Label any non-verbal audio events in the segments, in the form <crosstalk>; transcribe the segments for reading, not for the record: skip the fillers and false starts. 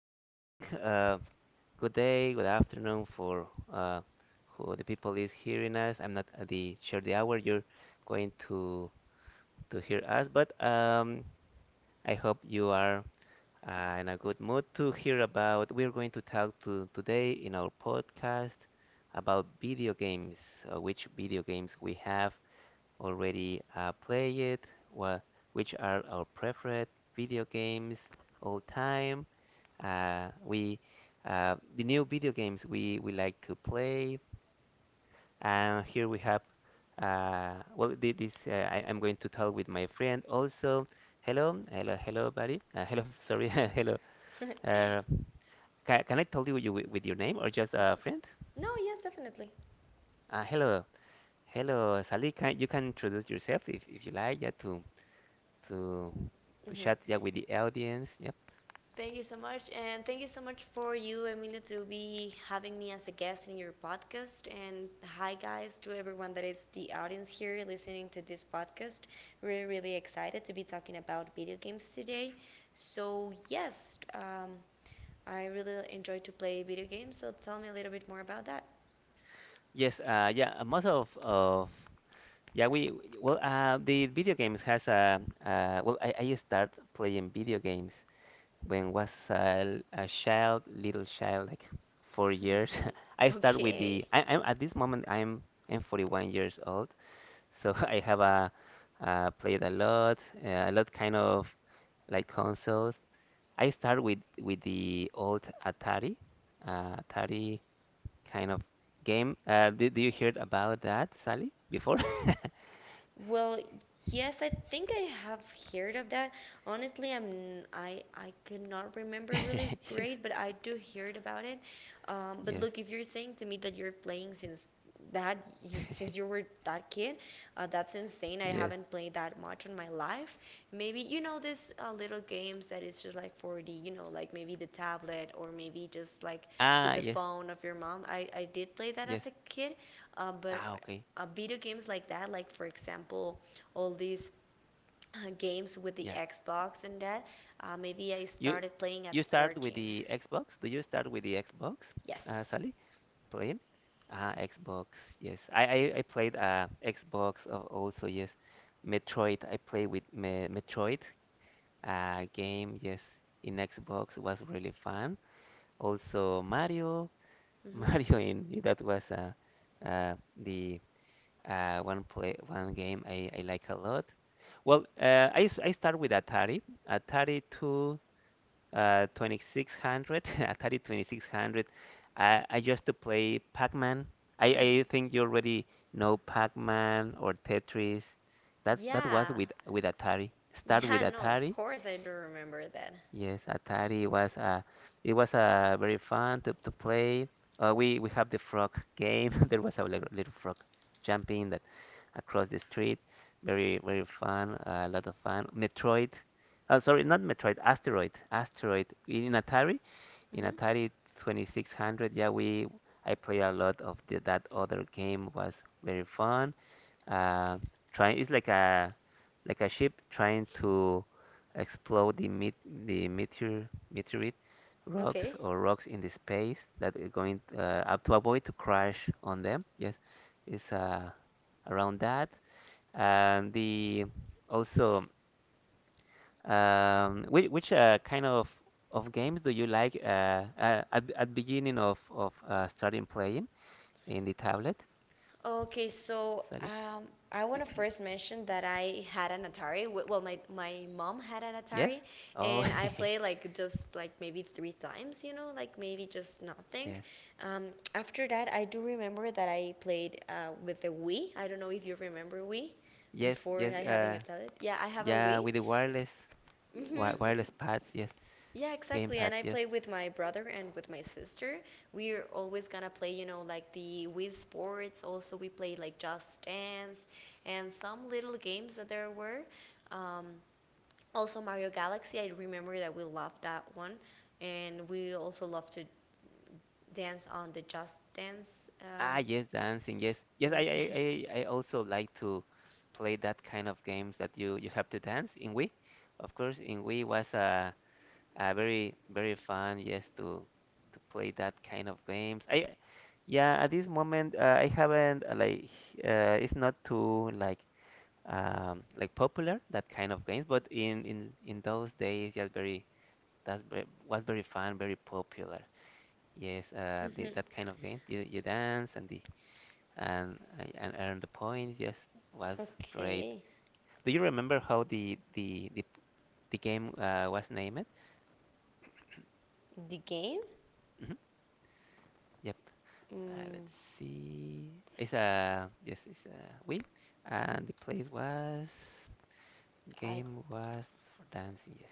morning, good day, good afternoon for who the people is hearing us. I'm not at the sure the hour you're going to hear us, but I hope you are in a good mood to hear about. We're going to talk to today in our podcast about video games, which video games we have already played, wha- which are our preferred video games all time. We The new video games we like to play. And here we have this I'm going to talk with my friend also. Hello, hello, hello, buddy. Hello, <laughs> sorry, <laughs> hello. Uh, can I tell you with your name or just a friend? No, yes, definitely. Hello, hello, Sally. Can you can introduce yourself if you like? Yeah, to to Mhm. chat, yeah, with the audience. Yep. Thank you so much, and thank you so much for you, Emilio, to be having me as a guest in your podcast. And hi, guys, to everyone that is the audience here listening to this podcast. We're really excited to be talking about video games today. So yes, I really enjoy to play video games. So tell me a little bit more about that. Yes. Yeah. Most of yeah, we well, the video games has a I start playing video games when was a child, little child, like 4 years. <laughs> <laughs> I start with the okay. I, I'm at this moment I'm 41 years old, so <laughs> I have a played a lot kind of like consoles. I start with the old Atari, Atari kind of game. Did you heard about that, Sally, before? <laughs> Well, yes, I think I have heard of that. Honestly, I could not remember really great, but <laughs> I do heard about it. But Yes, yes, look, if you're saying to me that you're playing since that <laughs> since you <laughs> were that kid, that's insane. I yes. haven't played that much in my life. Maybe you know this little games that it's just like 4D, you know, like maybe the tablet or maybe just like with Ah, the yes, phone of your mom. I did play that yes. as a kid, uh, but Ah, okay. uh, video games like that, like for example, all these games with the Yeah. Xbox and that. Maybe I You started playing at start with 13. the Xbox? Do you start with the Xbox, Yes. Sally? Playing? Ah, Xbox. Yes. I played Xbox also. Yes. Metroid. I played with me Metroid game. Yes, in Xbox was really fun. Also Mario. <laughs> hmm Mario in that was the one play one game I like a lot. Well, I start with Atari. Atari to 2600, <laughs> Atari 2600. I used to play Pac-Man. I think you already know Pac-Man or Tetris. <laughs> That was yeah. with Atari. Start with Yeah, no, of Atari. course I do remember that. Yes, Atari was it was very fun to play. We have the frog game. <laughs> There was a little, little frog jumping across the street. Very, very fun. A lot of fun. Metroid. Oh, sorry, not Metroid. Asteroid. Asteroid. In Hmm Atari 2600. Yeah, we. I play a lot of that other game. Was very fun, uh, trying it's like a ship trying to explode the met the meteorite rocks Okay. or rocks in the space that are going up to avoid to crash on them. Yes, it's around that and the also. Which Kind of games do you like at beginning of starting playing in the tablet, Okay, so Sally? I want to first mention that I had an Atari. Well, my mom had an Yes. Atari, Oh, and I played like just like maybe three times, you know, like maybe just <laughs> nothing. yes. Um, After that, I do remember that I played with the Wii. I don't know if you remember Wii Yes, before yes, I having a tablet. Yeah, I have a yeah, Wii. with the wireless, wi Mm-hmm. wireless pads, yes, Yeah, game exactly. And pads, I yes. play with my brother and with my sister. We're always gonna play, you know, like the Wii Sports. Also, we play like Just Dance and some little games that there were. Um, Also, Mario Galaxy. I remember that we loved that one, and we also love to dance on the Just Dance. Ah, yes, dancing, yes, yes. We. <laughs> I also like to play that kind of games that you have to dance in Wii. Of course, in Wii was a very, very fun, yes, to play that kind of games. Yeah, at this moment, I haven't it's not too like, like popular that kind of games, but in those days, yeah, very that's very, was very fun, very popular, yes. Mhm. That kind of games, you dance and the and earn the points, yes, was great. Okay. Do you remember how the game was named? The game? Hmm. Yep. Mm, Let's see, it's a yes, it's a wheel, and the place was I. game was for dancing, yes.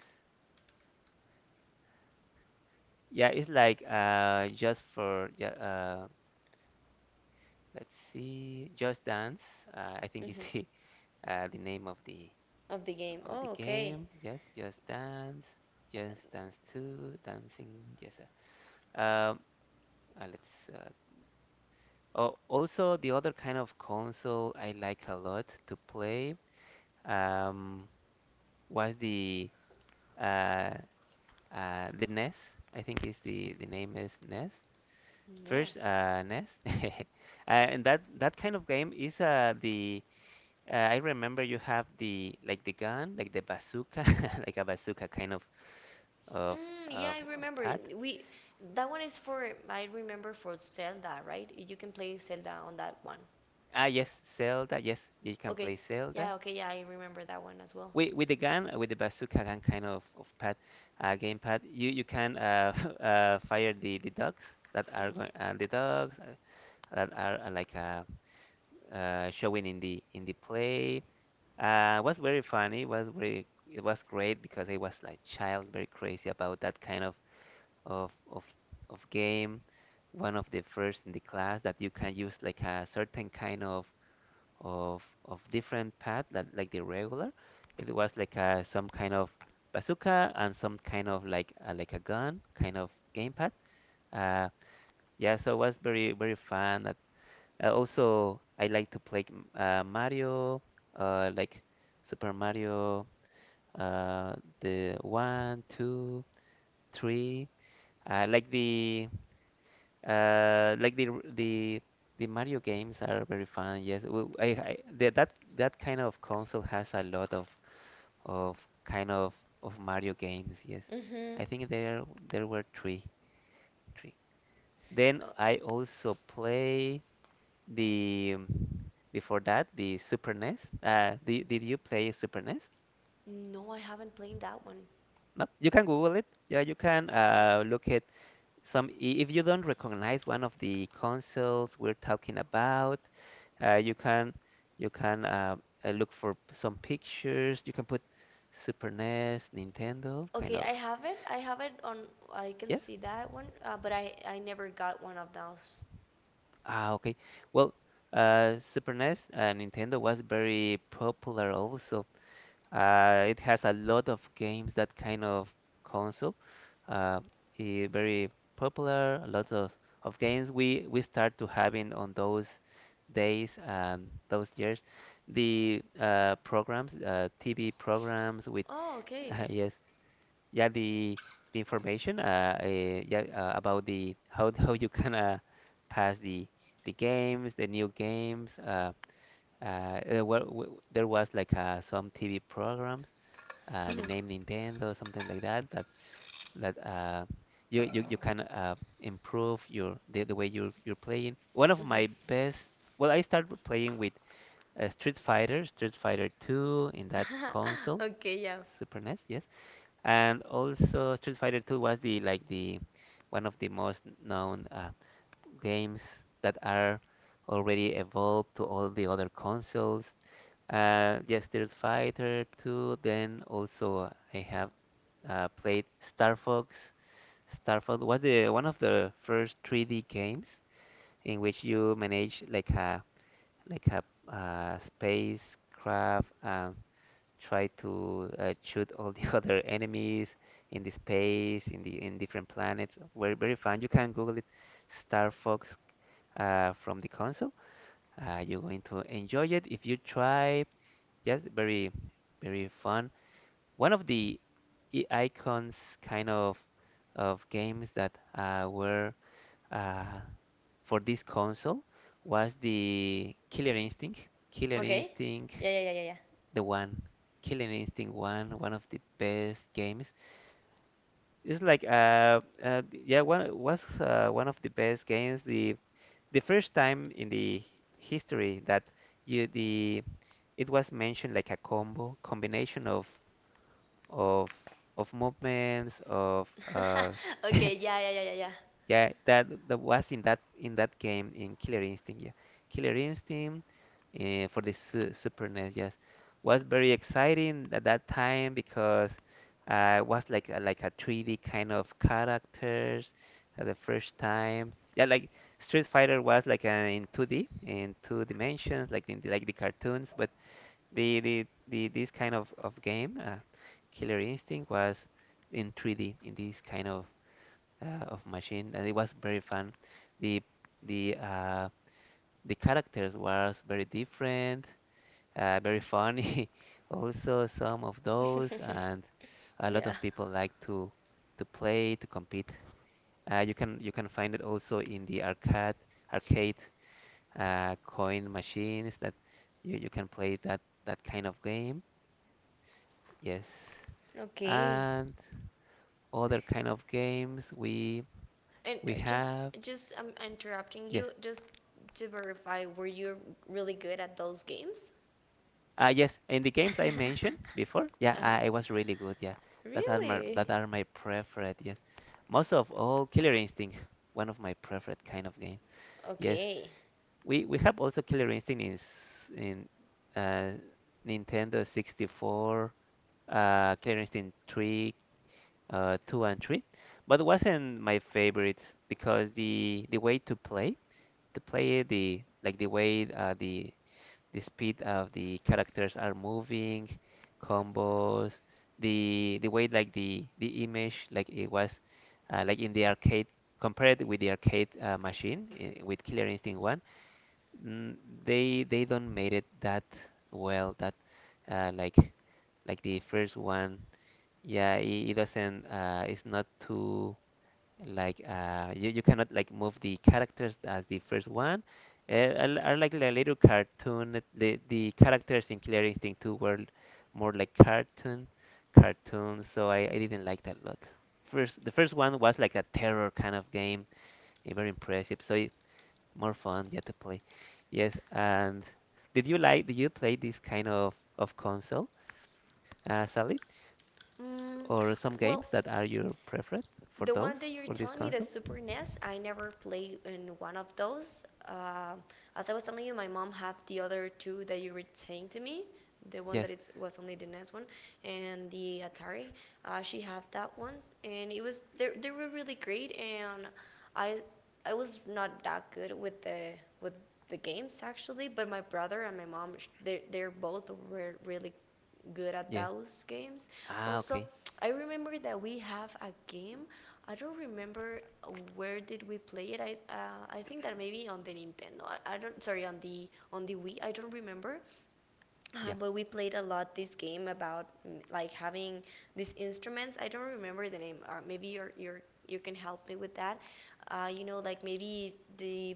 Yeah, it's like let's see, Just Dance. I think is mhm. the <laughs> the name Of the game. of the Oh, okay. game. Yes, Just Dance, Just Dance 2, Dancing. Yes. Um, let's. Uh, oh, also the other kind of console I like a lot to play, um, was uh, the NES. I think is the name is NES. First, Yes. NES, <laughs> and that that kind of game is the I remember you have the like the gun, like the bazooka, <laughs> like a bazooka kind of Mm, yeah, of I a remember pad. it. We that one is for I remember for Zelda, right? You can play Zelda on that one. Ah, yes, Zelda. Yes, you can Okay. play Zelda Yeah, okay, yeah, I remember that one as well. with the gun, with the bazooka gun kind of pad, game pad. You can, <laughs> fire the dogs that are Mhm. going the dogs that are showing in the play. Was very funny. Was very it was great because I was like child, very crazy about that kind of of game. One of the first in the class that you can use like a certain kind of different path that like the regular. It was like a some kind of bazooka and some kind of like a gun kind of game pad. Uh, yeah, so it was very, very fun. Also, I like to play Mario, like Super Mario, uh, the one, two, three. Uh, like the uh, like the the the Mario games are very fun. Yes, I the, that that kind of console has a lot of of kind of Mario games. Yes, Mhm. I think there were three. Then Uh, I also play the before that the Super NES. Did you play Super NES? no, I haven't played that one. No, you can Google it. Yeah, you can Uh, look at some i- if you don't recognize one of the consoles we're talking about, uh, you can you can look for some pictures. You can put Super NES, Nintendo, kind Okay, of. I have it. I have it on I can Yes? see that one, but I never got one of those. Ah, okay. Well, Super NES, Nintendo was very popular also. It has a lot of games that kind of console. Uh, very popular. A lot of games we start to having on those days and those years. The TV programs with Oh, okay. <laughs> yes, yeah, the information about the <laughs> how you can pass the games, the new games. There was like some TV programs the name <laughs> Nintendo, something like that, that uh, you you can improve your the way you're playing. One of Mhm. my best, well, I started playing with Street Fighter, Street Fighter 2 in that <laughs> console, Okay, yeah. Super NES, yes, and also Street Fighter 2 was the like the one of the most known games that are already evolved to all the other consoles. Yes, Street Fighter 2. Then also I have played Star Fox. Star Fox was the one of the first 3D games in which you manage like a spacecraft and try to shoot all the <laughs> other enemies in the space, in the in different planets. Very, very fun. You can Google it, Star Fox from the console. You're going to enjoy it if you try. Yes, very, very fun. One of the icons kind of games that were uh, for this console was the Killer Instinct. Killer Okay. Instinct, Yeah, yeah, yeah, yeah, yeah. the one. Killer Instinct one, one of the best games. It's like yeah, one was one of the best games. The first time in the history that you the it was mentioned like a combo combination of of movements of <laughs> <laughs> Okay, yeah, yeah, yeah, yeah, yeah, that that was in that game in Killer Instinct, yeah, Killer Instinct, for the su Super NES, yes, was very exciting at that time because it was like like a 3D kind of characters at the first time, yeah. Like Street Fighter was like in 2D, in two dimensions, like in the, like the cartoons, but the this kind of game, Killer Instinct, was in 3D in this kind of machine, and it was very fun. The the uh, the characters was very different, very funny. <laughs> Also, some of those, yeah. <laughs> and a lot Yeah. of people like to play to compete. You can you can find it also in the arcade coin machines that you can play that kind of game. Yes. Okay. And other kind of games we And we uh, just have. just I'm interrupting Yes. you just to verify, were you really good at those games? Yes, in the games I mentioned <laughs> before, yeah, Uh-huh. I was really good. Yeah, Really? that are my preferred. Yes, most of all, Killer Instinct, one of my preferred kind of game. Yes, Okay. we have also Killer Instinct in uh, Nintendo 64, Killer Instinct 3, 2 and 3, but it wasn't my favorite because the way to play. The play, the like the way the speed of the characters are moving, combos, the way like the image, like it was like in the arcade compared with the arcade machine, with Killer Instinct 1. mm, they don't made it that well, that like the first one. Yeah, it doesn't it's not too like you, you cannot like move the characters as the first one. Are like a little cartoon, the characters in Killer Instinct 2 were more like cartoons, so I didn't like that a lot. First The first one was like a terror kind of game, very impressive, so more fun, yeah, to play. Yes, and did you play this kind of console, Sally? Mm, Or some well, games that are your preference for the those one that you're for this telling me, the console? Super NES, I never played in one of those. As I was telling you, my mom had the other two that you were saying to me, the one Yes. that it was only the NES one, and the Atari. She had that ones, and it was they were really great, and I I was not that good with the games actually, but my brother and my mom they they're both were really good at Yes. those games. Ah, Also, okay. I remember that we have a game I don't remember where did we play it. I think that maybe on the Nintendo. I don't sorry on the Wii. I don't remember, Yep. but we played a lot this game about like having these instruments. I don't remember the name. Or maybe you're you can help me with that. You know, like maybe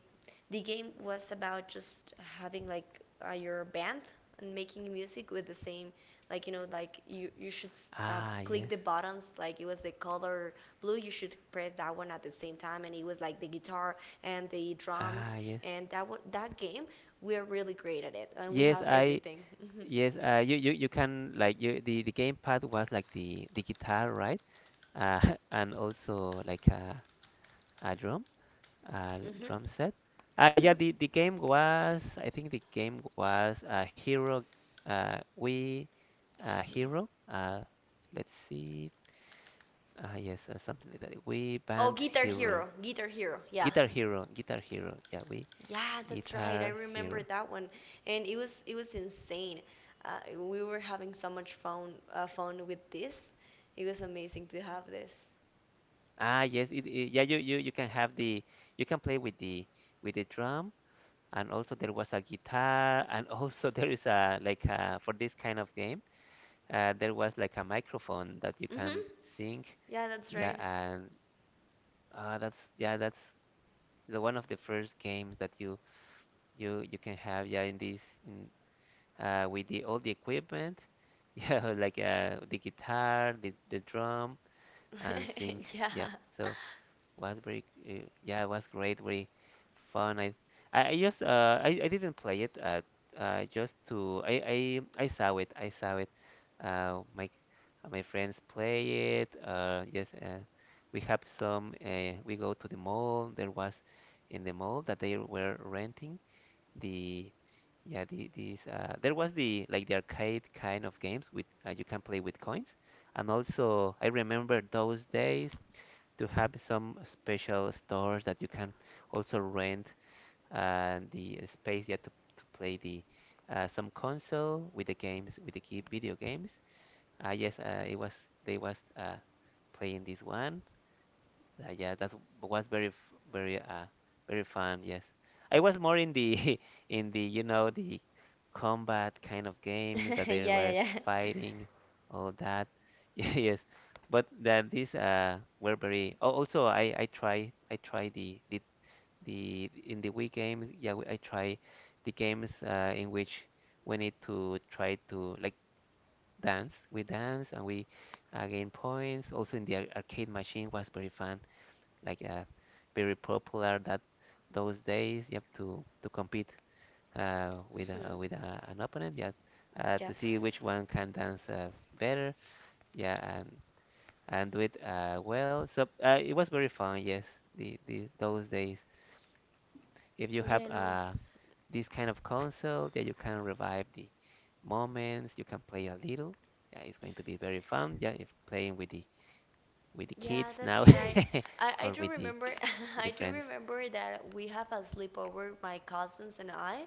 the game was about just having like your band and making music with the same like you know like you should Ah, click yes. the buttons like it was the color blue you should press that one at the same time and it was like the guitar and the drums Ah, yes. and that one that game we're really great at it, and we Yes, have I everything. Hmm yes, you can like, you the gamepad was like the guitar, right? Uh, <laughs> and also like a drum, a hmm drum set. Ah, yeah, the game was a Hero, we Hero, hmm let's see. Ah, yes, something like that. We Band Oh, Guitar Hero. Hero, Guitar Hero, Guitar yeah, Hero, Guitar Hero. Yeah, we yeah, that's Guitar right. I Hero. remember that one, and it was insane. We were having so much fun with this. It was amazing to have this. Ah, yes, yeah, you you can have the, you can play with the, with the drum, and also there was a guitar, and <laughs> also there is a, like a, for this kind of game, there was like a microphone that you Mhm. can sing. Yeah, that's Yeah, right. and that's yeah, that's the one of the first games that you can have, yeah, in this, in with the all the equipment. <laughs> Yeah, like the guitar, the drum, and sing. <laughs> yeah. Yeah, so was very, yeah, it was great, very fun. I just, I didn't play it, just to, I saw it, I saw it. Uh, my, my friends play it. Yes, we have some. We go to the mall. There was in the mall that they were renting the, yeah, the these. There was the, like the arcade kind of games with, you can play with coins, and also I remember those days to have some special stores that you can also rent the space, yet to play the, some console with the games, with the key video games. Yes, it was, they was playing this one. Yeah, that was very f- very very fun. Yes, I was more in the <laughs> in the, you know, the combat kind of games, <laughs> that yeah, they were yeah, yeah. fighting, all that. <laughs> Yes, but that these were very. Oh, also, I try the in the Wii games. Yeah, I try the games in which we need to try to like dance. We dance and we gain points. Also, in the arcade machine was very fun, like very popular that those days. Yep, to compete Mhm. With an opponent. Yeah, to Yep. see which one can dance better. Yeah, and do it well. So it was very fun. Yes, the those days. If you have Yeah, no. This kind of console, yeah, you can revive the moments. You can play a little. Yeah, it's going to be very fun, yeah, if playing with the, with the Yeah, kids now, that's right. <laughs> I or do with the, remember <laughs> with I the do friends. remember that we have a sleepover, my cousins and I,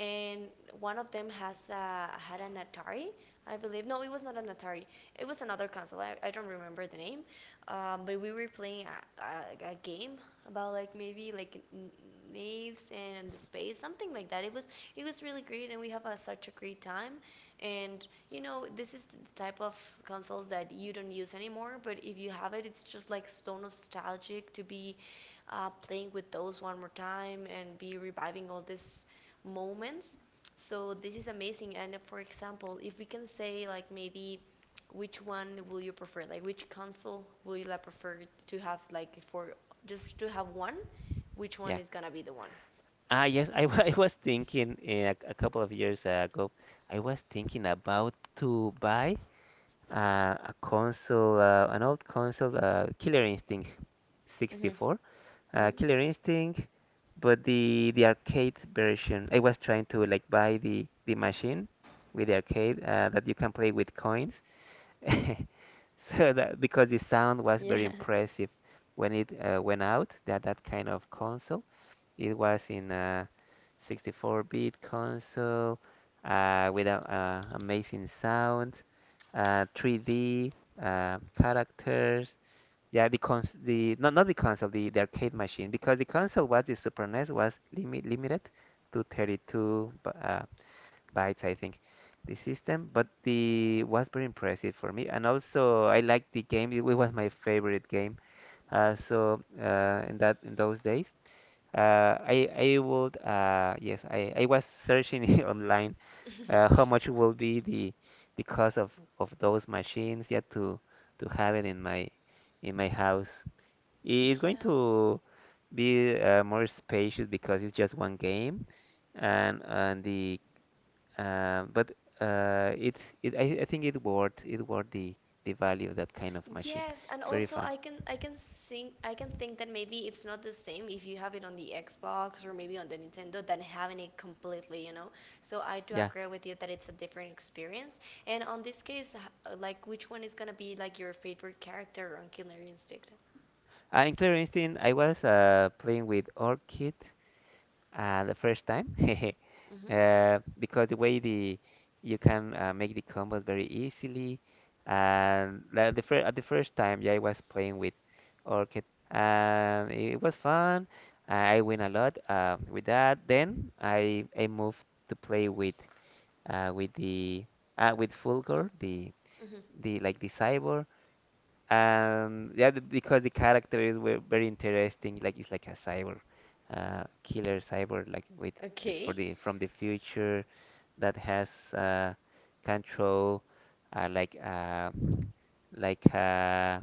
and one of them has had an Atari, I believe. No, it was not an Atari. It was another console. I don't remember the name. But we were playing a game about like maybe like naves and the space, something like that. It was really great, and we have a, such a great time. And you know, this is the type of consoles that you don't use anymore, but if you have it, it's just like so nostalgic to be playing with those one more time and be reviving all these moments. So this is amazing. And for example, if we can say like maybe which one will you prefer? Like which console will you like prefer to have like for just to have one? Which one Yeah. is gonna be the one? Ah, yes, <laughs> I was thinking, a couple of years ago, I was thinking about to buy uh, a console, an old console, Killer Instinct Mm-hmm. 64, Mm-hmm. Killer Instinct, but the arcade version. I was trying to like buy the machine with the arcade, that you can play with coins, <laughs> so that because the sound was very Yeah. impressive when it went out, that that kind of console. It was in a 64-bit console, with a, amazing sound, 3D, characters. Yeah, the cons the not, not the console, the arcade machine, because the console was the Super NES was limited to bytes, I think, the system. But the was very impressive for me, and also I liked the game. It was my favorite game. So in those days. Uh, I I would, yes, I was searching <laughs> online how <laughs> much will be the cost of those machines, yet to have it in my, in my house. I- It's going Yeah, to be more spacious because it's just one game and the, but it's it, I think it worth, it worth the value of that kind of machine. yes, and Very also fun. I can think I can think that maybe it's not the same if you have it on the Xbox or maybe on the Nintendo than having it completely, you know. So I do Yeah. agree with you that it's a different experience. And on this case, like which one is gonna be like your favorite character on Killer Instinct? In Clear Instinct, I was playing with Orchid, the first time. <laughs> Mhm. Uh, because the way the you can make the combos very easily. And the, at the first time, yeah, I was playing with Orchid, and it was fun. I win a lot with that, then I moved to play with, with the with Fulgor, the Mhm. the like the cyborg. Yeah, because the characters were very interesting. Like, it's like a cyber, killer cyber, like with the, for Okay. the, from the future, that has, control, uh, like uh, like uh,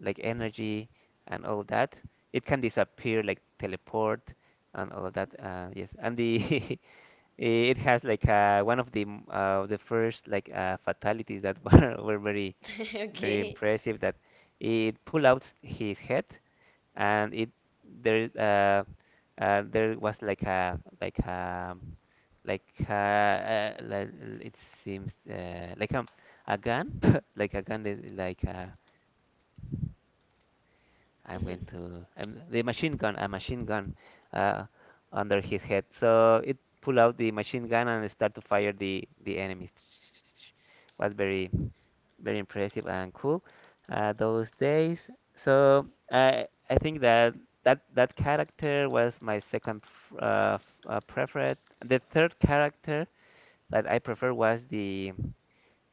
like energy and all that. It can disappear, like teleport and all that. Yes, and the <laughs> it has, like, one of the the first like, fatalities that <laughs> were very, <laughs> very Okay. impressive, that it pulled out his head, and it there is, there was like a, like a, like a, uh, like it seems, like a gun, <laughs> like a gun that- like a, I'm Mhm. going to, the machine gun, a machine gun, uh, under his head. So it pull out the machine gun and start to fire the enemies. <tsk> Was very, very impressive, and cool, those days. So I think that that character was my preferred. The third character that I prefer was the,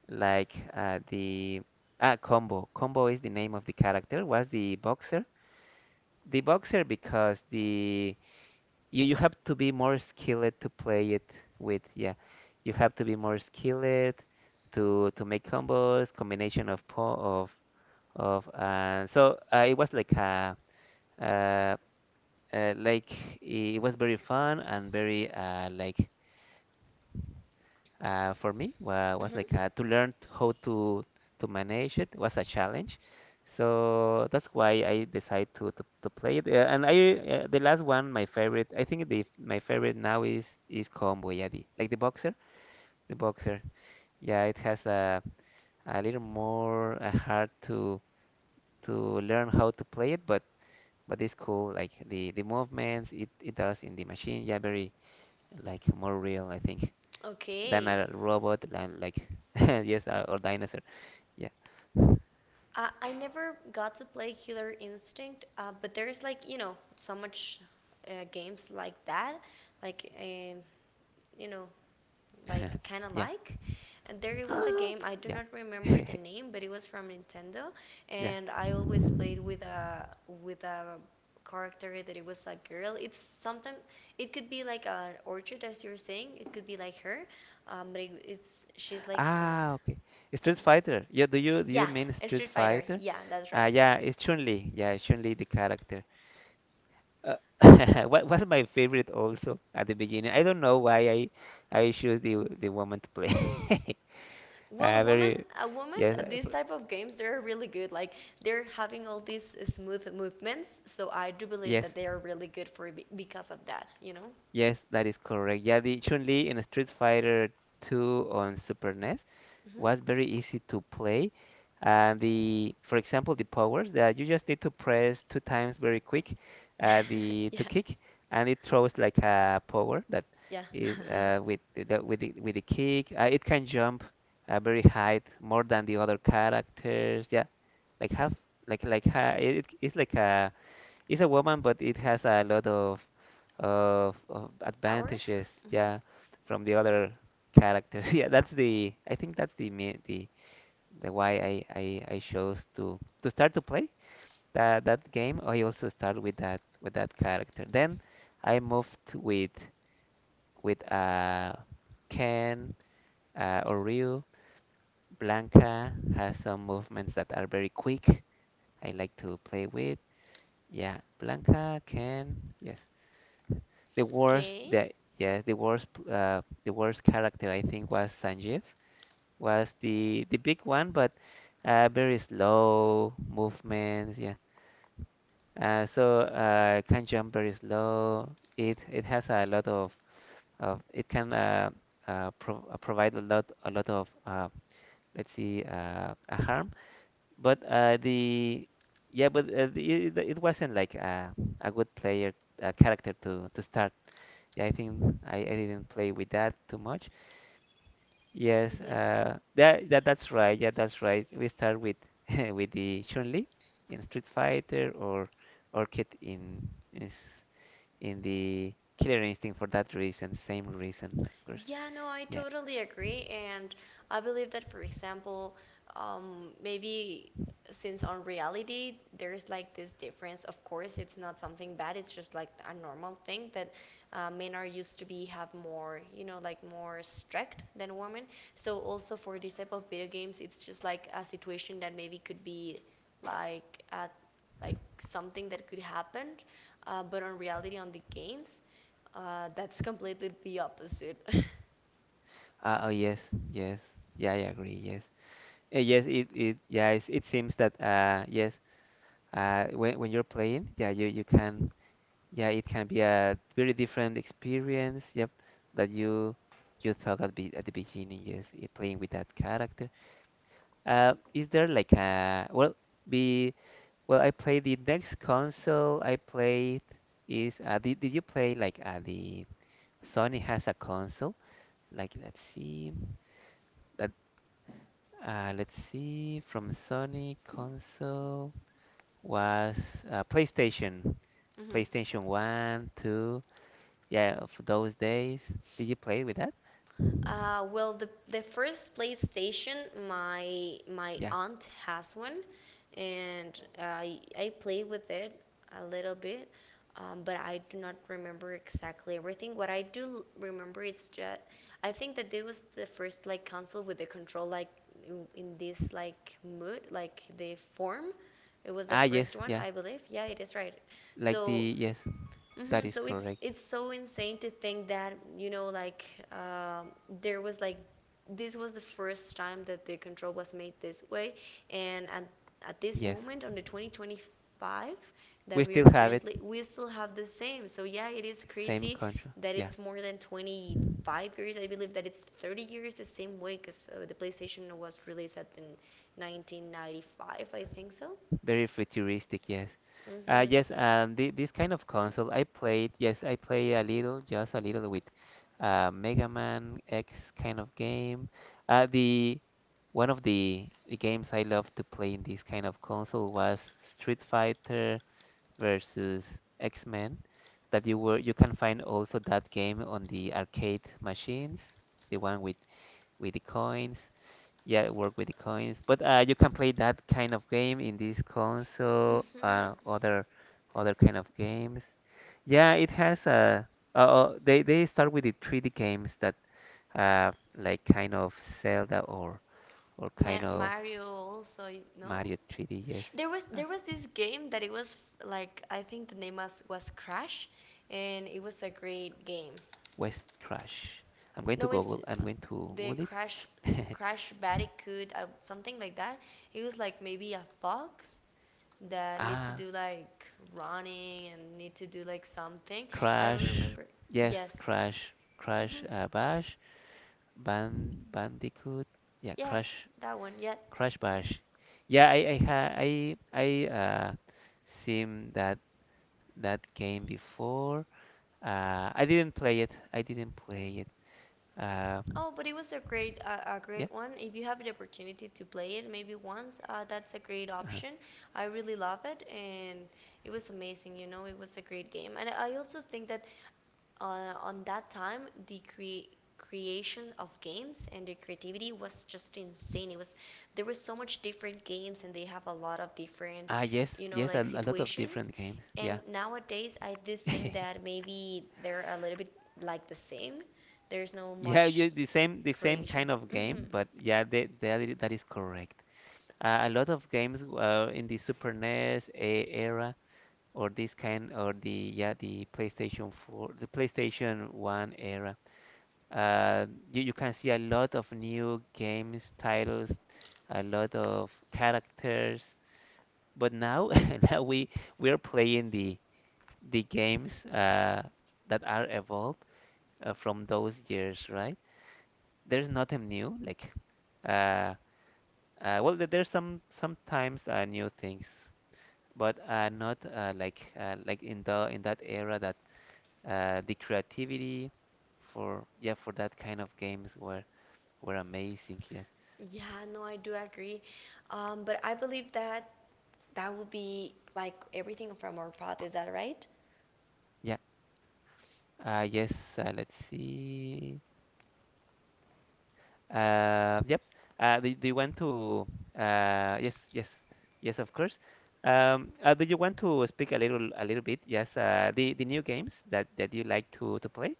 like, the ah combo. Combo is the name of the character. Was the boxer, the boxer, because the, you have to be more skilled to play it, with, yeah, you have to be more skilled to make combos, combination of of, and so uh, uh, like it was very fun and very, for me, was Mhm. like to learn how to manage. It was a challenge. So that's why I decided to play it. And I The last one, my favorite, I think the, my favorite now is Comboyadi, like the boxer, the boxer. Yeah, it has a little more, hard to learn how to play it, but it's cool. Like the movements it, it does in the machine, yeah, very like more real, I think, than Okay. a robot, and like <laughs> yes, or dinosaur, yeah <laughs> I never got to play Killer Instinct, but there's like you know so much games like that, like you know like kind of yeah like. And there was a game I <gasps> do yeah not remember <laughs> the name, but it was from Nintendo, yeah, and I always played with a character that it was a girl. It's sometimes it could be like an orchid as you're saying. It could be like her, but it's she's like ah okay, Street yeah Fighter, yeah, do you, do you yeah mean a Street Street Fighter Fighter? yeah that's Ah, right. yeah, it's Chun-Li, yeah, Chun-Li the character, uh, <laughs> what was my favorite. Also at the beginning, I don't know why I choose the woman to play. <laughs> Well, Uh, very women's yes, at these type of games they're really good. Like they're having all these smooth movements, so I do believe yes, that they are really good for because of that. You know. yes, that is correct, yeah, the Chun-Li in Street Fighter 2 on Super NES Hmm was very easy to play. And the, for example, the powers, that you just need to press two times very quick, <laughs> the to yeah. kick, and it throws like a power that Yeah. is, with the, with the, with the kick. It can jump, very high, more than the other characters. Yeah, like half, it, it's like a, it's a woman, but it has a lot of, of <laughs> Power. advantages, Hmm yeah, from the other characters. <laughs> Yeah, that's the, I think that's the why I chose to start to play that, that game. I also start with that, with that character. Then I moved with, with uh Ken, Oriel, Blanca, has some movements that are very quick. I like to play with. Yeah, Blanca, Ken, yes. The worst Okay. that yes, the worst p- The worst character, I think, was Sanjeev, was the big one, but, very slow movements. Yeah, can jump very slow. It has a lot of it can provide a lot of let's see a harm. But the yeah, but the, it wasn't like a good player, a character to start. Yeah, I think I didn't play with that too much. Yes, hmm that's right. Yeah, that's right. We start with <laughs> with the Chun-Li in Street Fighter or Orchid in the Killer Instinct for that reason, same reason, of course. Yeah, no, I Yeah. totally agree. And I believe that, for example, maybe since on reality, there's like this difference. Of course, it's not something bad, it's just like a normal thing that men are used to be have more, you know, like more strict than women. So, also for this type of video games, it's just like a situation that maybe could be like at like something that could happen, but on reality, on the games, that's completely the opposite. <laughs> Oh yes, yes. Yeah, I agree. Yes. Yes, it it yeah, it seems that yes, when you're playing, yeah, you can, yeah, it can be a very different experience. Yep, that you thought at be at the beginning. Yes, playing with that character. Is there like a well, be well, I played the next console I played is did you play like the Sony has a console? Like let's see that let's see from Sony console. Was PlayStation, Mm-hmm. PlayStation One, Two. Yeah, of those days. Did you play with that? Well, the first PlayStation, my Yeah. aunt has one, and I play with it a little bit, but I do not remember exactly everything. What I do remember is that I think that it was the first like console with the control like in this like mood, like the form. It was the Ah, yes, first one, yeah. I believe. Yeah, it is right. Like So the yes, that hmm is so correct. it's so insane to think that you know like um there was like this was the first time that the control was made this way, and at this Yes, moment on the 2025 we that we are still have it. currently we still have the same. So yeah, it is Same crazy control. that Yeah. it's more than 25 years. I believe that it's 30 years the same way because the PlayStation was released at in 1995, I think so. Very futuristic, yes. Hmm This kind of console I played. Yes, I play a little, just a little with Mega Man X kind of game. The One of the games I love to play in this kind of console was Street Fighter versus X-Men. That you were you can find also that game on the arcade machines, the one with the coins. Yeah, work with the coins, but you can play that kind of game in this console, hmm other kind of games. Yeah, it has a. They start with the 3D games that, like kind of Zelda or kind of Mario also, you know? Mario 3D. Yes, uh, There was this game that it was like I think the name was Crash, and it was a great game. West Crash. I'm going to No, it's Google. I'm going to the Google Crash it. <laughs> Crash Bandicoot something like that. It was like maybe a fox that need to Ah, do like running and need to do like something. I Crash. remember. Yes, Yes. Crash. Crash. Mm-hmm. Bash. Bandicoot. Yeah, Yeah, Crash that one. Yeah, Crash Bash. Yeah, I ha I seen that game before. I didn't play it. I didn't play it. Uh, oh, but it was a yeah. great one. If you have the opportunity to play it maybe once, that's a great uh option. I really love it, and it was amazing. You know, it was a great game, and I also think that on that time the creation of games and the creativity was just insane. It was there was so much different games, and they have a lot of different, Ah, yes, you know, yes, like a lot of situations. different games. And Yeah. nowadays, I do think that <laughs> maybe they're a little bit like the same. There's no Yeah, much you, the same kind creation. of Hmm game, but yeah, that is correct. A lot of games in the Super NES era or this kind or the yeah the PlayStation 4, the PlayStation 1 era. Uh, you can see a lot of new games titles, a lot of characters. But now, <laughs> now we are playing the games that are evolved from those years, right? There's nothing new. Uh, there's sometimes new things, but not like like in the in that era that the creativity for for that kind of games were amazing. Yes. Yeah, no, I do agree. But I believe that that will be like everything from our path. Is that right? Yeah. Yes. Let's see. Yep. Do you want to? Yes. Yes. Yes. Of course. Do you want to speak a little bit? Yes. The new games that you like to play?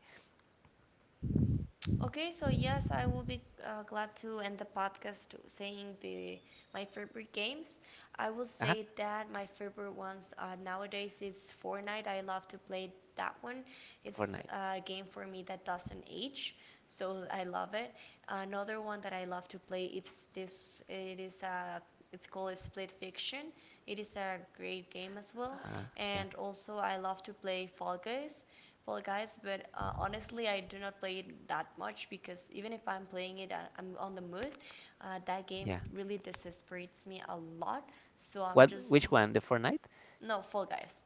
Okay, so yes, I will be glad to end the podcast saying the my favorite games. I will Uh-huh. say that my favorite ones nowadays is Fortnite. I love to play that one. It's Fortnite. a game for me that doesn't age, so I love it. Another one that I love to play it's this. It is a it's called Split Fiction. It is a great game as well, Uh, yeah. and also I love to play Fall Guys. Fall Guys, but honestly, I do not play it that much because even if I'm playing it, and I'm on the mood. That game Yeah. really desesperates me a lot, so I'm What? just Which one? The Fortnite? no Fall Guys.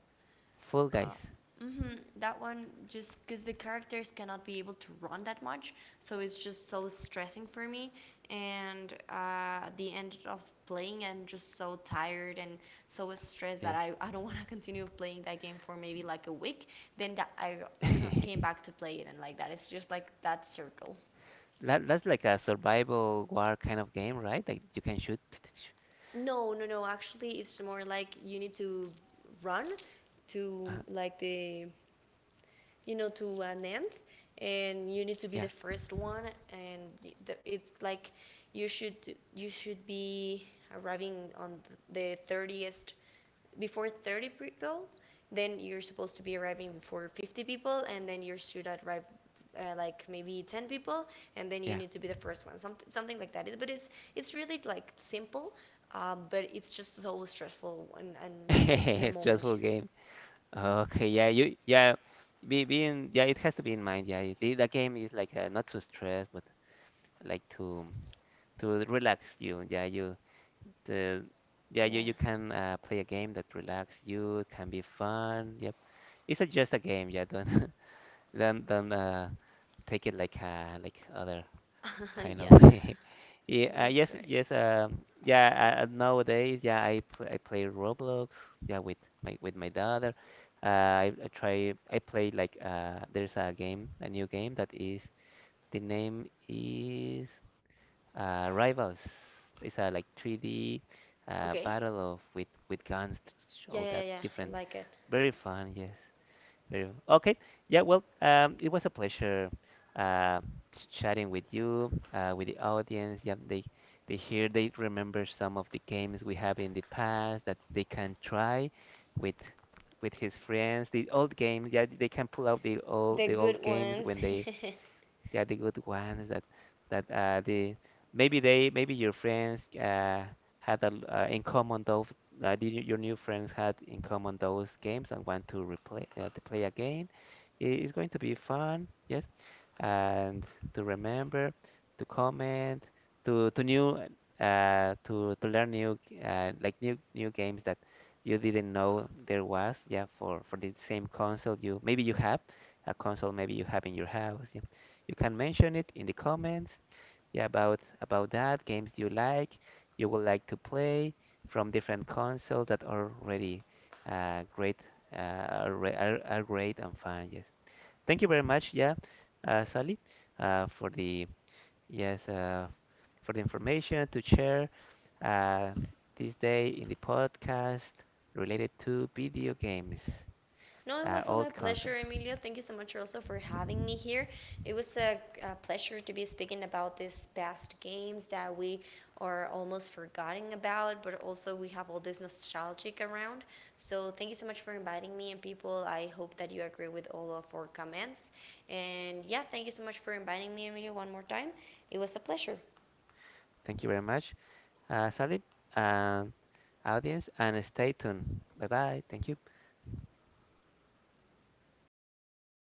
Fall Uh, Guys. hmm that one just because the characters cannot be able to run that much, so it's just so stressing for me. And at the end of playing, I'm just so tired and so stressed that Yes. I, <laughs> I don't want to continue playing that game for maybe like a week. Then that I came <laughs> back to play it, and like that, it's just like that circle. That that's like a survival war kind of game, right? Like you can shoot. <laughs> <tsk> No, no, no. Actually, it's more like you need to run to Uh, like the you know, to an end, and you need to be yeah. the first one, and it's like you should you should be arriving on the 30th before 30 people, then you're supposed to be arriving before 50 people, and then you should arrive like maybe 10 people, and then you Yeah. need to be the first one, something something like that. It- But it's really like simple, but it's just so stressful and like in a <laughs> moment. Stressful game. Hmm Okay, yeah, being, yeah, it has to be in mind. Yeah, the game is like not to stress, but like to relax you. Yeah, you the yeah Yeah, you can play a game that relax you. It can be fun. Yep, it's just a game. Yeah, don't <laughs> don't take it like other kind of <laughs> yeah, <laughs> yeah that's right. yes nowadays yeah I play Roblox yeah with my daughter I try I play like there's a new game that is the name is Rivals. It's a like 3D Okay. battle of with guns, <tsk> Yeah, all yeah, yeah, that yeah. I different, like it. very fun, yes. Beautiful. Okay. Yeah, well, it was a pleasure uh, chatting with you, with the audience. Yeah, they hear, they remember some of the games we have in the past that they can try with his friends. The old games, yeah, they can pull out the old The good games ones. when <laughs> they yeah, the good ones that that the maybe they maybe your friends had in common those your new friends had in common those games and want to replay to play again. It's going to be fun, yes, and to remember, to comment, to to new to learn new new games that you didn't know there was. Yeah, for the same console you maybe you have a console maybe you have in your house, yeah, you can mention it in the comments, yeah, about that games you like, you would like to play from different consoles that are already great uh, are, are great and fun, yes. Thank you very much, yeah, Sally, uh, for the yes uh, for the information to share uh, this day in the podcast related to video games, No, it was all my old pleasure, consoles. Emilio. Thank you so much also for having me here. It was a pleasure to be speaking about these past games that we are almost forgotten about, but also we have all this nostalgic around. So thank you so much for inviting me and people. I hope that you agree with all of our comments. And yeah, thank you so much for inviting me, Emilio, one more time. It was a pleasure. Thank you very much, Salib, and audience, and stay tuned. Bye bye. Thank you.